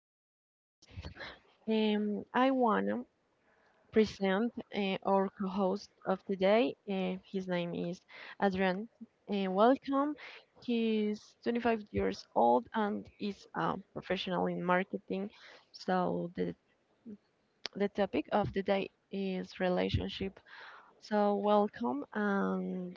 this podcast. I want to present our co host of today. His name is Adrian. Welcome. He's 25 years old and is a professional in marketing. So, the topic of the day is relationship. So, welcome and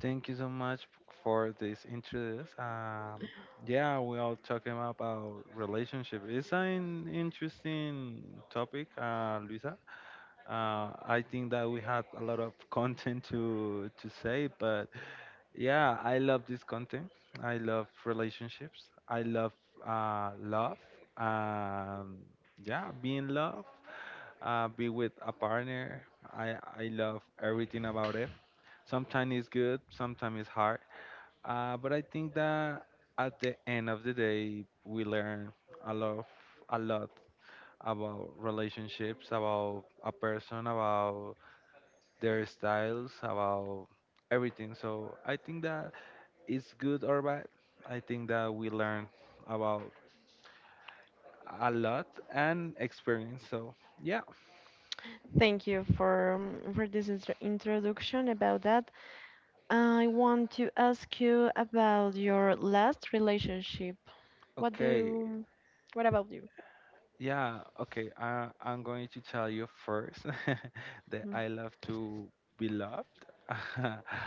Thank you so much for this interest. Yeah, we all talking about relationship. It's an interesting topic, Luisa. I think that we had a lot of content to say, but yeah, I love this content. I love relationships. I love love. Um, yeah, being loved, be with a partner. I love everything about it. Sometimes it's good, sometimes it's hard, but I think that at the end of the day, we learn a lot, a lot about relationships, about a person, about their styles, about everything. So I think that it's good or bad. I think that we learn about a lot and experience. So yeah, thank you for this introduction about that. I want to ask you about your last relationship. What okay. do What about you? Yeah, okay. I'm going to tell you first that I love to be loved.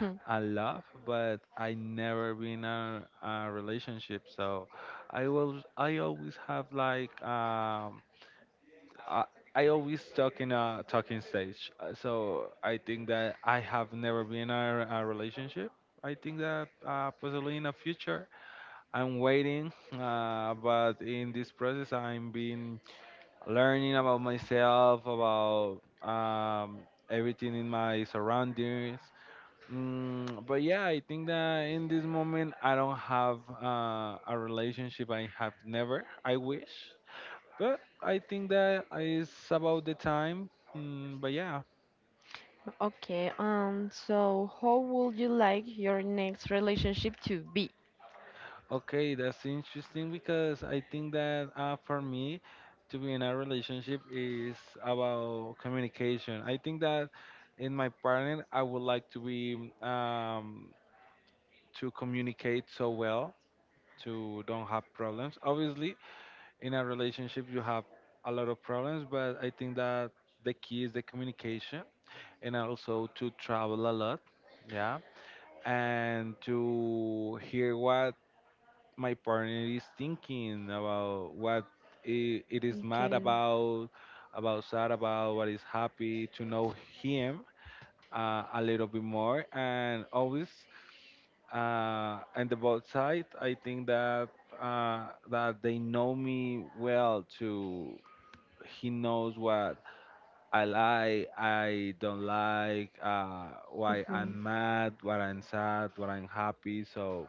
Mhm. I love, but I never been in a relationship, so I always have like I, I always talk in a talking stage. So I think that I have never been in a relationship. I think that possibly in the future I'm waiting, but in this process I'm being learning about myself, about everything in my surroundings. But yeah, I think that in this moment I don't have a relationship. I have never. I wish, but I think that it's about the time. But yeah, Okay, so how would you like your next relationship to be? okay, that's interesting because I think that for me to be in a relationship is about communication. I think that in my partner, I would like to be, to communicate so well, to don't have problems. Obviously in a relationship you have a lot of problems, but I think that the key is the communication, and also to travel a lot, yeah, and to hear what my partner is thinking about, what it is mad Okay. about sad, about what is happy, to know him a little bit more, and always, and the both side, I think that that they know me well too. He knows what I like, I don't like, why Mhm. I'm mad, what I'm sad, what I'm happy. So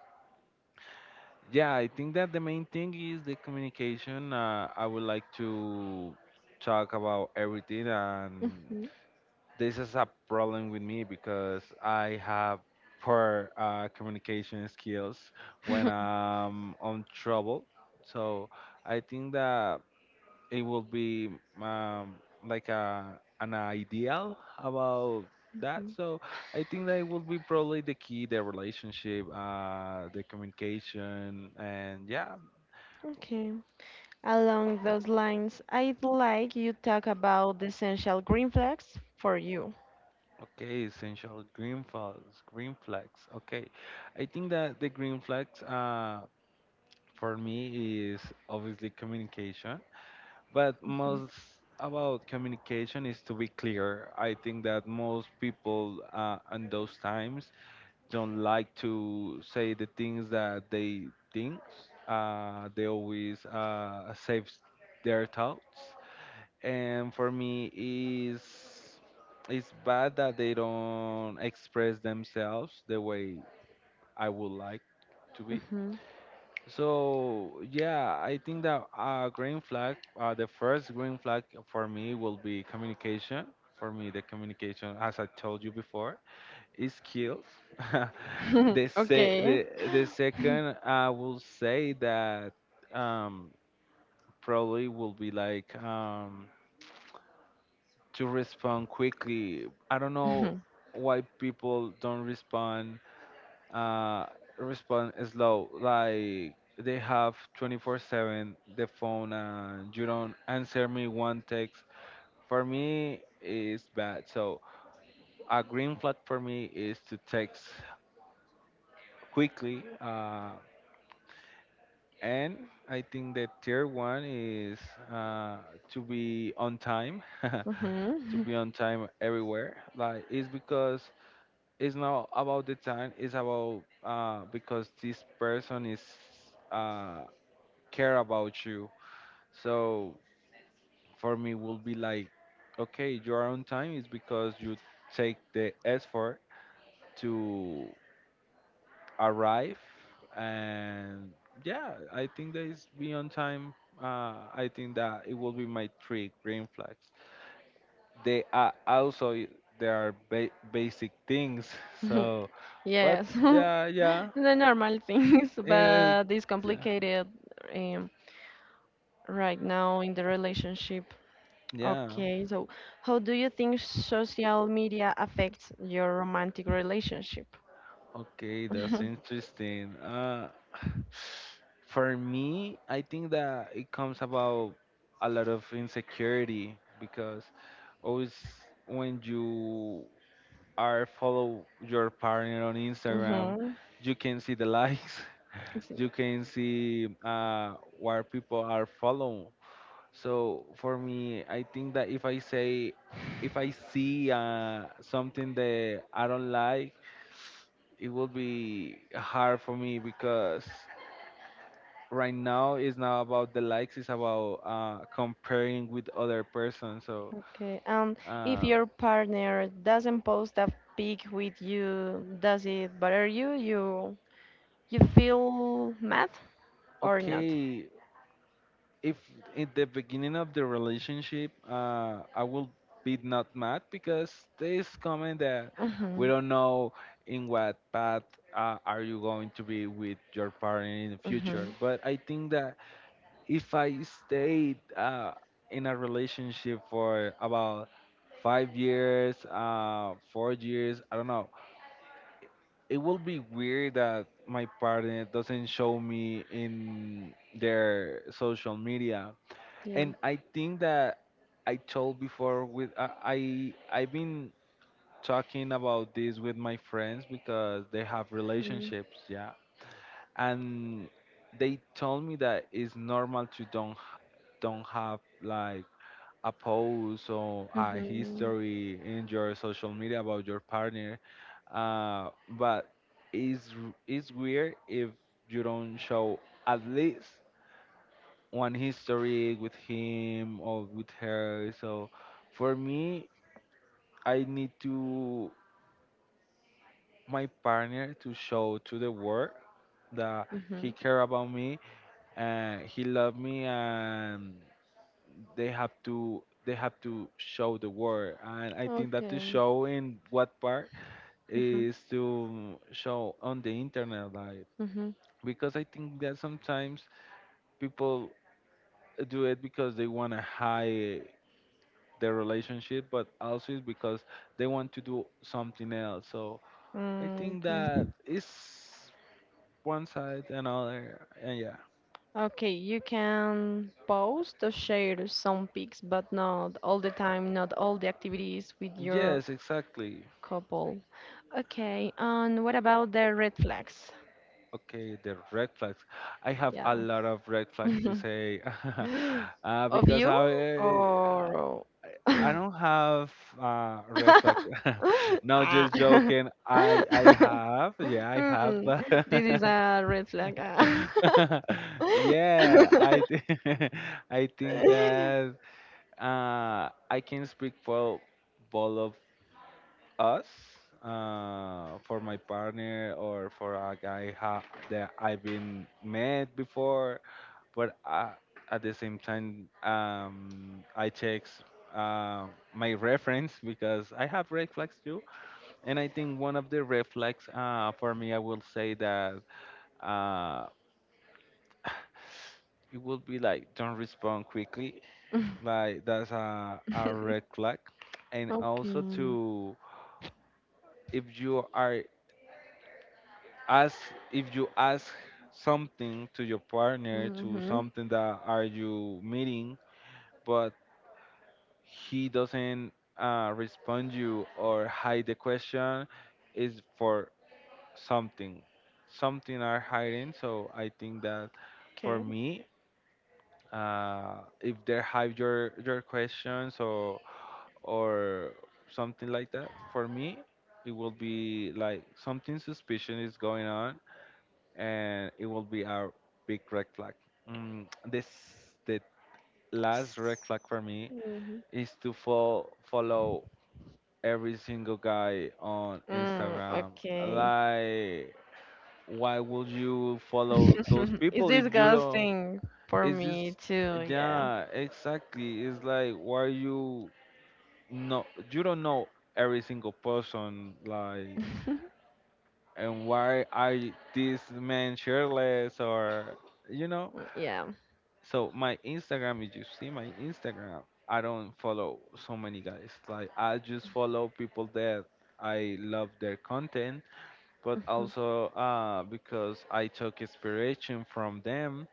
yeah, I think that the main thing is the communication. I would like to talk about everything, and Hmm. this is a problem with me because I have poor communication skills when I'm on trouble. So I think that it will be, um, like an ideal about that. Mhm. So I think that it will be probably the key, the relationship, the communication, and yeah, Okay. Along those lines, I'd like you talk about the essential green flags for you. okay, essential green flags, green flags. Okay, I think that the green flags. For me is obviously communication, but Mhm. most about communication is to be clear. I think that most people in those times don't like to say the things that they think. They always save their thoughts, and for me is, it's bad that they don't express themselves the way I would like to be. Mhm. So yeah, I think that green flag, the first green flag for me will be communication. For me, the communication, as I told you before, is skills. the se- Okay. The second, I will say that um, probably will be like, to respond quickly. I don't know Mhm. why people don't uh, respond slow. Like, they have 24/7 the phone, and you don't answer me one text. For me, it's bad. So a green flag for me is to text quickly. And I think the tier one is, uh, to be on time, to Mhm. be on time everywhere. Like, it's because it's not about the time. It's about, because this person is, uh, care about you. So for me will be like, okay, you are on time is because you take the effort to arrive, and yeah, I think that is be on time. I think that it will be my three green flags. They are also there are basic things. Mhm. So, but Yes. yeah, yeah, The normal things, eh, but it's yeah, complicated, um, right now in the relationship. yeah. Okay, so how do you think social media affects your romantic relationship? Okay, that's interesting. For me, I think that it comes about a lot of insecurity because always when you are follow your partner on Instagram, Mhm. you can see the likes, Mhm. you can see where people are following. So for me, I think that if I say, if I see something that I don't like, it will be hard for me because right now it's not about the likes, it's about comparing with other person. So Okay. If uh, your partner doesn't post a pic with you, does it bother you? You feel mad or not? okay, if in the beginning of the relationship, I will be not mad because this comment that we Mhm. don't know in what path, are you going to be with your partner in the future, Mhm. but I think that if I stayed in a relationship for about 5 years, 4 years, I don't know, it will be weird that my partner doesn't show me in their social media. Yeah. And I think that I told before with I've been talking about this with my friends because they have Mm. relationships, yeah, and they told me that it's normal to don't have like a post or a Mhm. history in your social media about your partner. But it's weird if you don't show at least one history with him or with her. So for me, I need to my partner to show to the world that he Mhm. care about me and he love me, and they have to show the world. And I think that to Okay. show in what part Mhm. is to show on the internet, like, Mhm. because I think that sometimes people do it because they want to hide their relationship, but also it's because they want to do something else. So I Mm, think mm. that it's one side and other, and yeah, Okay, you can post or share some pics, but not all the time, not all the activities with your yes, exactly. couple. Okay, and what about the red flags? Okay, the red flags. I have Yeah. a lot of red flags to say. Of Because I you uh, or I don't have red flags. No, ah. just joking. I have, yeah, I have, Hmm, but this is a red flag. Ah. yeah, I think that I can speak for both of us, for my partner or for a guy that I've been met before, but I, at the same time, I checks uh, my reference because I have red flags too. And I think one of the red flags, for me, I will say that uh, it would be like don't respond quickly. Like, that's a red flag. And Okay. also to, if you are ask if you ask something to your partner, to Mm-hmm. something that are you meeting, but he doesn't respond you or hide the question, is for something something are hiding, so I think that for Okay. me, uh, if they hide your questions or something like that, for me it will be like something suspicious is going on, and it will be a big red flag. This, the last red flag for me, Mhm. is to follow every single guy on Mm, Instagram. okay. Like, why would you follow those It's people if you don't? disgusting for Is me this? too, yeah. Yeah, exactly. It's like, why you, no, you don't know every single person, like, and why are this man shirtless or you know Yeah. So my Instagram, if you see my Instagram, I don't follow so many guys. Like, I just follow people that I love their content, but also because I took inspiration from them.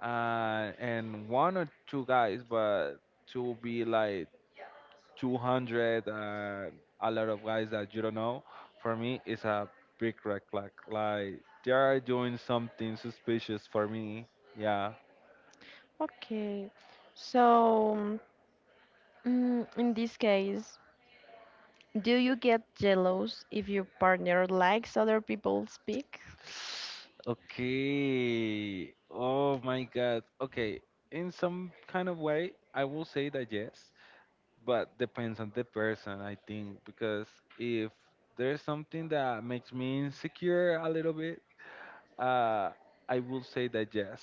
And one or two guys, but to be like 200, a lot of guys that you don't know, for me is a big red flag. Like, they are doing something suspicious for me. Yeah. Okay, so mm, in this case, do you get jealous if your partner likes other people speak? Okay. Oh my God. Okay. In some kind of way, I will say that yes, but depends on the person, I think, because if there's something that makes me insecure a little bit, uh, I will say that yes.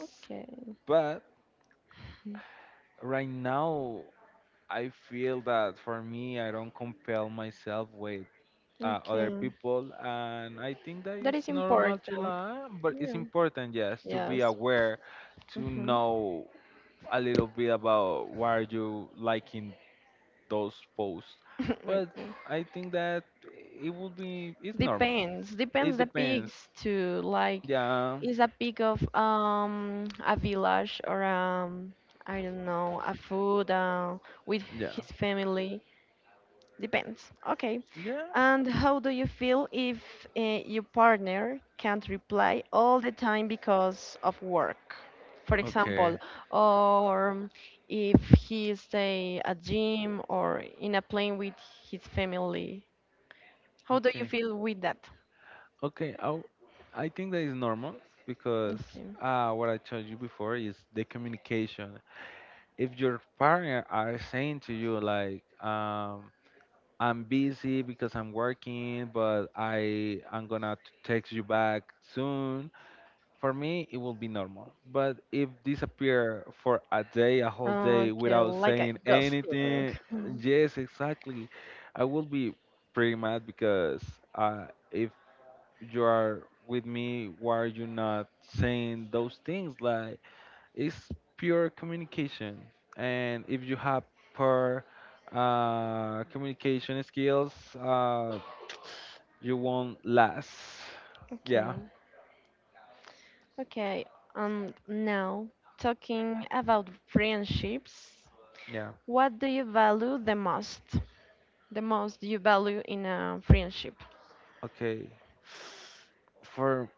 Okay, But right now, I feel that for me, I don't compel myself with other okay, people, and I think that that is is normal to important. lie, but it's Yeah. important, yes, to be Yes. aware, to Hmm. know a little bit about why are you liking those posts. Okay. But I think that it would be, it's normal. Depends. Depends It the depends, pigs too. Like, yeah, is a pig of a village or I don't know a food with yeah, his family. Depends. Okay. yeah, And how do you feel if your partner can't reply all the time because of work? For okay, example, or if he stay at gym or in a plane with his family. How do you okay, feel with that? okay. I think that is normal because Okay. What I told you before is the communication. If your partner are saying to you like, I'm busy because I'm working, but I'm gonna text you back soon, for me it will be normal. But if disappear for a whole day Okay, without like a saying ghosting. anything. Mhm. Yes, exactly. I will be pretty mad because, if you are with me, why are you not saying those things? Like, it's pure communication. And if you have poor communication skills, you won't last. Okay. Yeah, Okay. Now talking about friendships. yeah. What do you value the most? The most you value in a friendship? Okay. For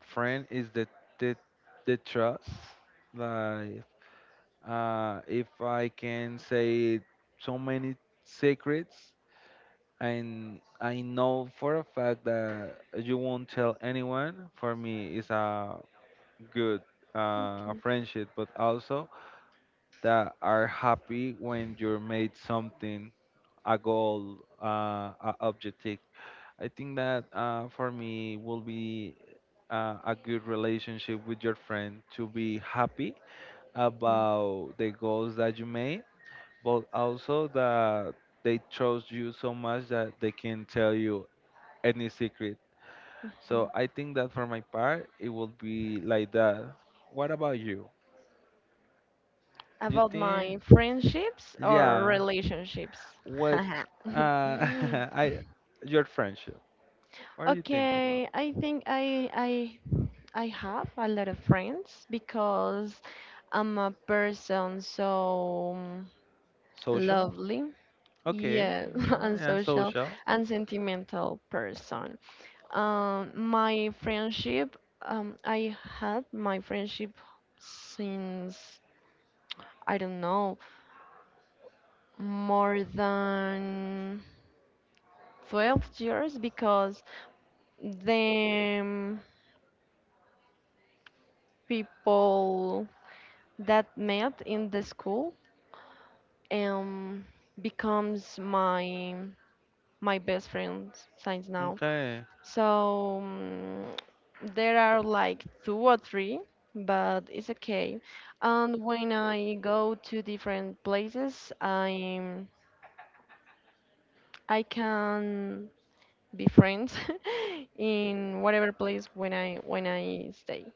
friend is the the the trust. Like if I can say so many secrets and I know for a fact that you won't tell anyone, for me is a good Okay. friendship, but also that are happy when you made something, a goal, a objective. I think that for me will be a good relationship with your friend to be happy Mm. about the goals that you made, but also that they trust you so much that they can tell you any secret. So I think that for my part, it will be like that. What about you? Do you About think? my friendships or Yeah. relationships? What uh I your friendship. What do you think about? Okay, I think I I have a lot of friends because I'm a person so Social? lovely. Okay. Yeah, Yeah, and unsocial social. and sentimental person. My friendship, I had my friendship since I don't know more than 12 years because the people that met in the school um becomes my best friend since now. Okay. So mm, there are like two or three, but it's okay. And when I go to different places, I can be friends in whatever place when I stay.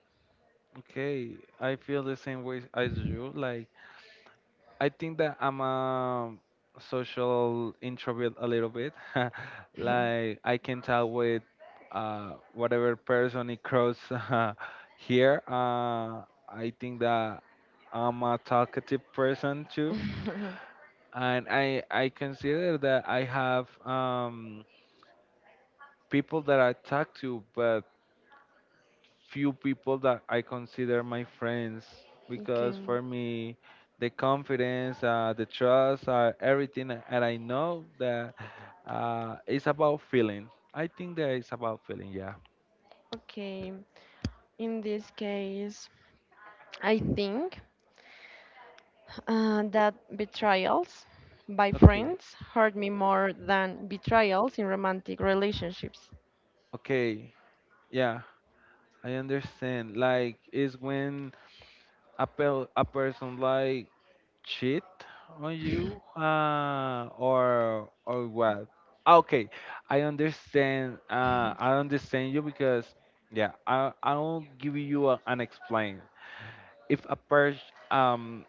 Okay. I feel the same way as you. Like I think that I'm a social introvert a little bit. Like I can tell with whatever person it cross here. I think that I'm a talkative person too. And I consider that I have people that I talk to, but few people that I consider my friends Okay. because for me the confidence, the trust, everything that I know that it's about feeling. I think that it's about feeling. Yeah. Okay. In this case, I think. That betrayals by Okay. friends hurt me more than betrayals in romantic relationships. Okay. Yeah. I understand. Like it's when a person like cheat on you or what? Ah, okay, I understand. I understand you because yeah, I'll give you a, an explain. If um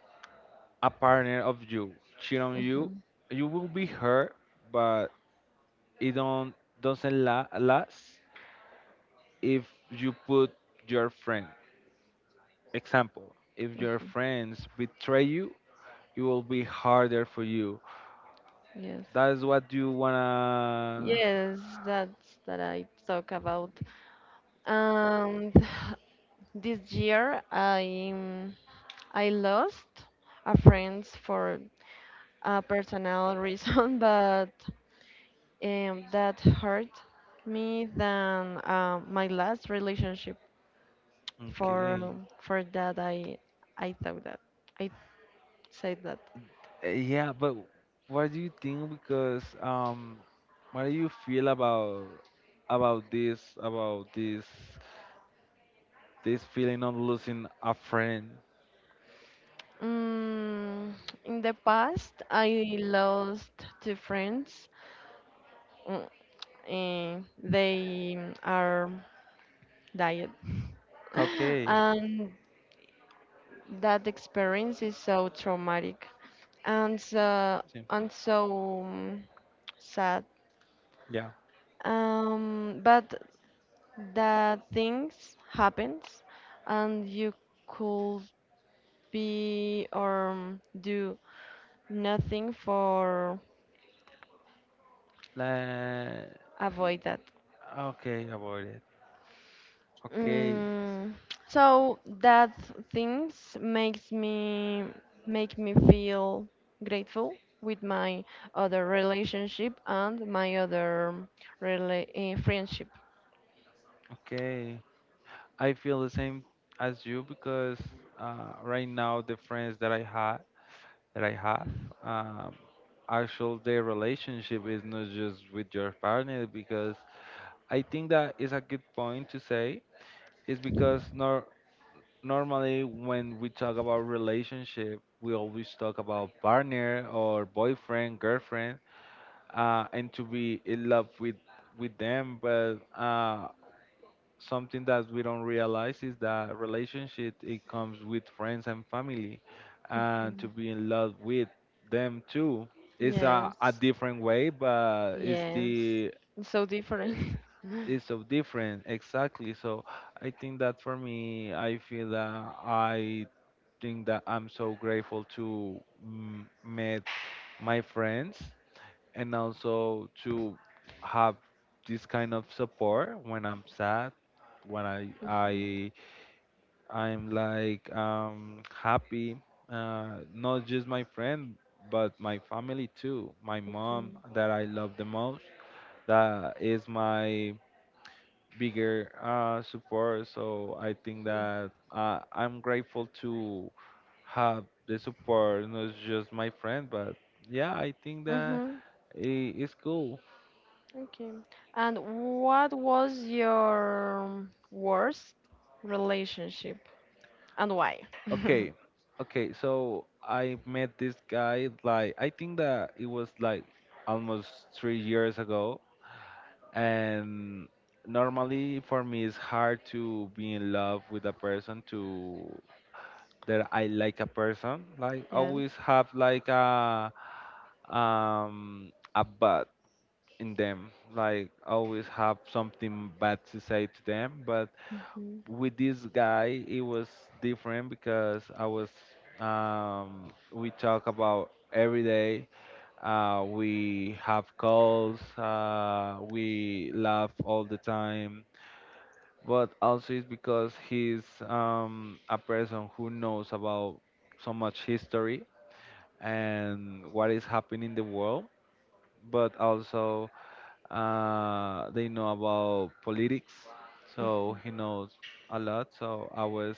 a partner of you cheat on you, Mhm, you will be hurt, but it don't doesn't last if you put your friend. Example: If your mhm. friends betray you, it will be harder for you. Yes. That's what you wanna. Yes, that's that I talk about. And this year I lost a friend for a personal reason, but that hurt me than my last relationship. For Okay. For that I thought that I said that. Yeah, but what do you think? Because what do you feel about about this feeling of losing a friend? Mm, in the past, I lost two friends. Mm, they mm, are died, Okay. and that experience is so traumatic and so Sí. and so mm, sad. Yeah. But the things happens, and you could be or do nothing for Like avoid that. okay, about it. Okay. Mm, so that things makes me make me feel grateful with my other relationship and my other rela friendship. Okay. I feel the same as you because right now the friends that I had that I have. Um, actual the relationship is not just with your partner because I think that is a good point to say is because nor normally when we talk about relationship we always talk about partner or boyfriend girlfriend and to be in love with them but something that we don't realize is that relationship it comes with friends and family and to Mhm. be in love with them too. It's Yes, a different way but it's yes, the it's so eh, different. it's so different exactly. So I think that for me I feel that I think that I'm so grateful to meet my friends and also to have this kind of support when I'm sad when Mhm. I I'm like happy, not just my friend, but my family too. My mom that I love the most, that is my bigger support. So I think that I'm grateful to have the support, not just my friend, but yeah, I think that Mhm. It's cool. Okay. And what was your worst relationship and why? Okay, okay. So I met this guy like I think that it was like almost 3 years ago. And normally for me it's hard to be in love with a person. To that I like A person like Yeah. always have like a but in them like always have something bad to say to them. But Mhm. with this guy it was different because I was we talk about every day, we have calls, we laugh all the time, but also it's because he's a person who knows about so much history and what is happening in the world, but also they know about politics, so he knows a lot. So I was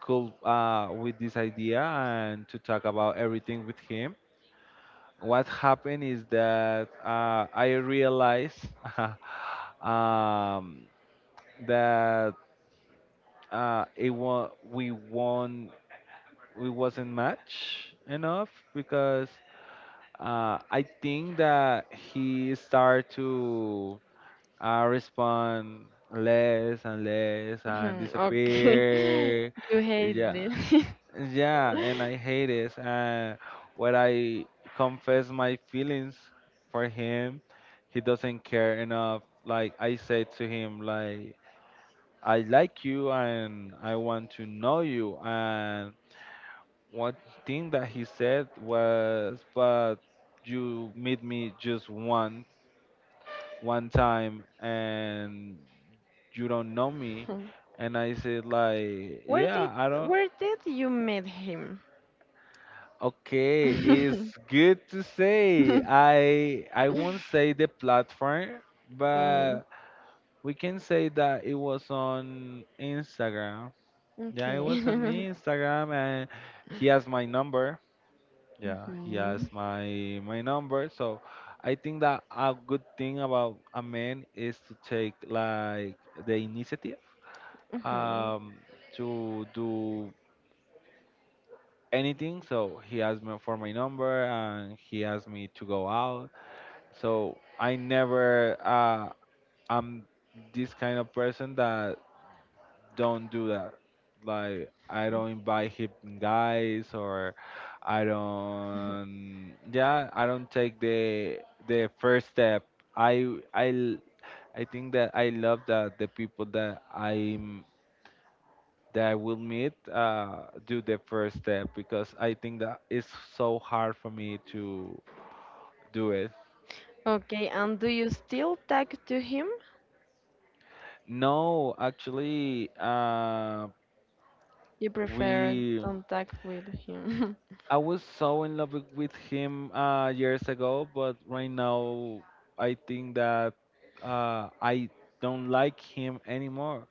cool with this idea and to talk about everything with him. What happened is that I realized um, that it won we wasn't match enough because I think that he started to respond less and less and Mhm. Okay. disappear. You hate Yeah, this. yeah, and I hate it. And when I confess my feelings for him, he doesn't care enough. Like I said to him like, I like you and I want to know you. And one thing that he said was, but you meet me just one time and you don't know me. Mhm. And I said like, Where did yeah, I don't. where did you meet him? Okay, it's good to say. I won't say the platform, Mm, but we can say that it was on Instagram. Yeah, it okay. was on Instagram, and he has my number. Yeah, he has Mhm. my number. So I think that a good thing about a man is to take like the initiative, Mhm. um, to do anything. So he asked me for my number, and he asked me to go out. So I never I'm this kind of person that don't do that. Like I don't invite him guys, or I Mhm. don't, yeah, I don't take the first step. I I l- I think that I love that the people that I am that I will meet do the first step, because I think that it's so hard for me to do it. Okay, and do you still talk to him? No, actually You prefer we don't talk with him. I was so in love with him years ago, but right now I think that I don't like him anymore.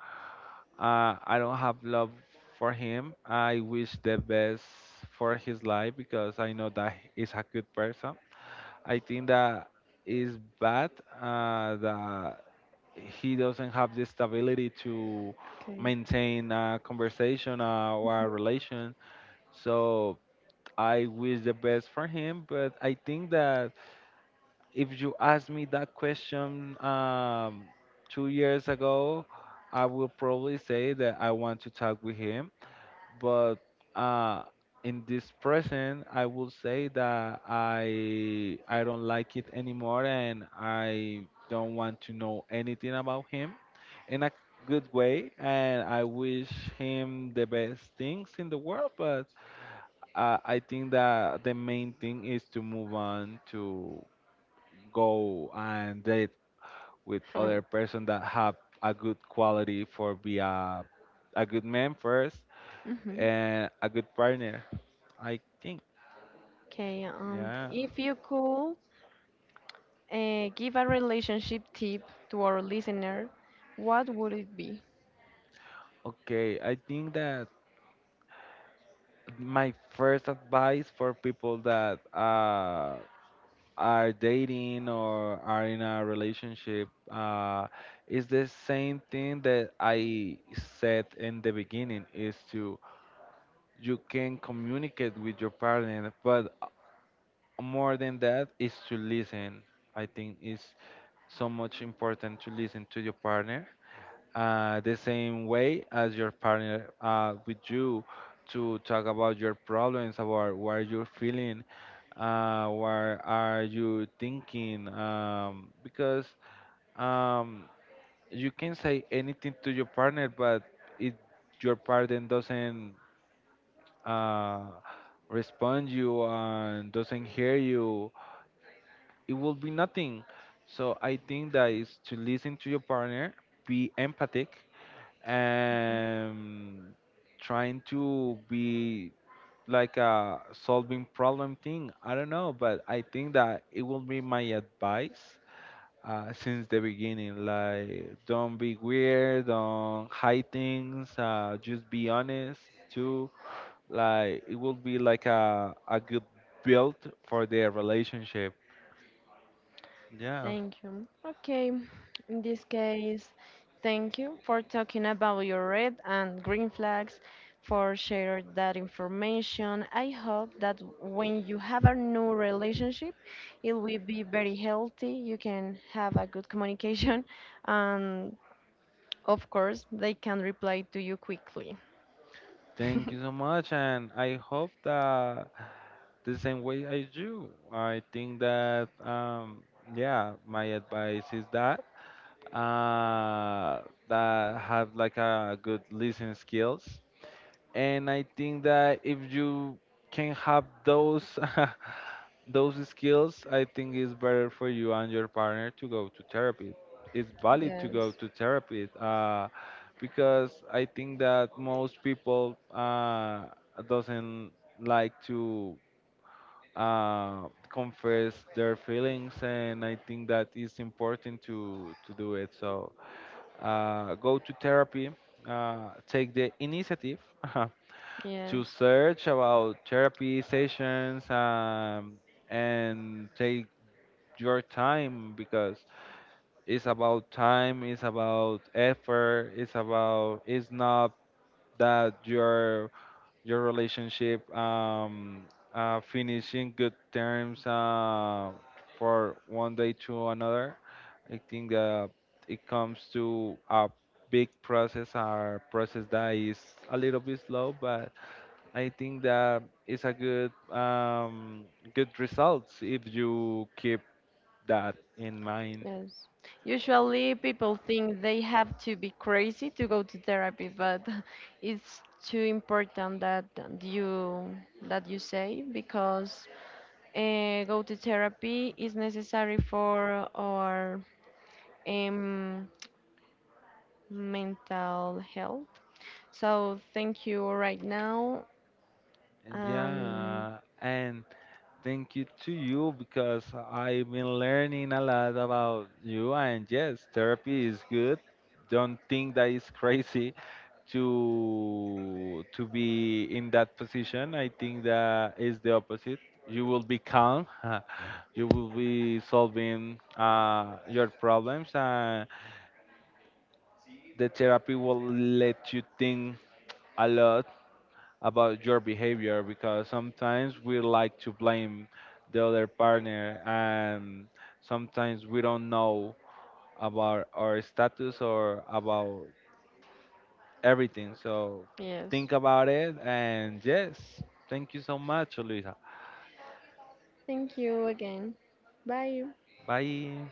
I don't have love for him. I wish the best for his life because I know that he's a good person. I think that is bad that he doesn't have the stability to Okay. maintain a conversation or a relation. So I wish the best for him, but I think that if you asked me that question 2 years ago, I would probably say that I want to talk with him. But uh, in this present, I will say that I don't like it anymore, and I don't want to know anything about him in a good way. And I wish him the best things in the world, but I think that the main thing is to move on, to go and date with other person that have a good quality for be a good man first Mm-hmm. and a good partner. I think. Okay, Yeah. if you could give a relationship tip to our listener, what would it be? Okay. I think that my first advice for people that are dating or are in a relationship, is the same thing that I said in the beginning, is to you can communicate with your partner but more than that is to listen. I think it's so much important to listen to your partner the same way as your partner with you, to talk about your problems, about what you're feeling, what are you thinking, because um, you can say anything to your partner, but it your partner doesn't uh, respond you and doesn't hear you, it will be nothing. So I think that is to listen to your partner, be empathic, and trying to be like a solving problem thing. I don't know, but I think that it will be my advice. Since the beginning, like don't be weird, don't hide things, just be honest too, like it will be like a good build for their relationship. Yeah. Thank you. Okay, in this case, thank you for talking about your red and green flags, for sharing that information. I hope that when you have a new relationship, it will be very healthy. You can have a good communication, and of course, they can reply to you quickly. Thank you so much, and I hope that the same way I do. I think that yeah, my advice is that that have like a good listening skills, and I think that if you can have those those skills, I think, is better for you and your partner to go to therapy. It's valid to Yes, go to therapy, because I think that most people doesn't like to uh, confess their feelings, and I think that it's important to do it. So go to therapy, take the initiative to yes, search about therapy sessions, and take your time because it's about time, it's about effort, it's about it's not that your relationship finish in good terms for one day to another. I think that it comes to a big process, a process that is a little bit slow, but I think that it's a good, good results if you keep that in mind. yes. Usually, people think they have to be crazy to go to therapy, but it's too important you that you say because go to therapy is necessary for our um, mental health. So thank you right now. Um, Yeah, and thank you to you because I've been learning a lot about you. And yes, therapy is good. Don't think that it's crazy to be in that position. I think that is the opposite. You will be calm. You will be solving your problems, and the therapy will let you think a lot about your behavior, because sometimes we like to blame the other partner, and sometimes we don't know about our status or about everything. So yes, think about it, and yes, thank you so much, Luisa. thank you again. Bye. Bye.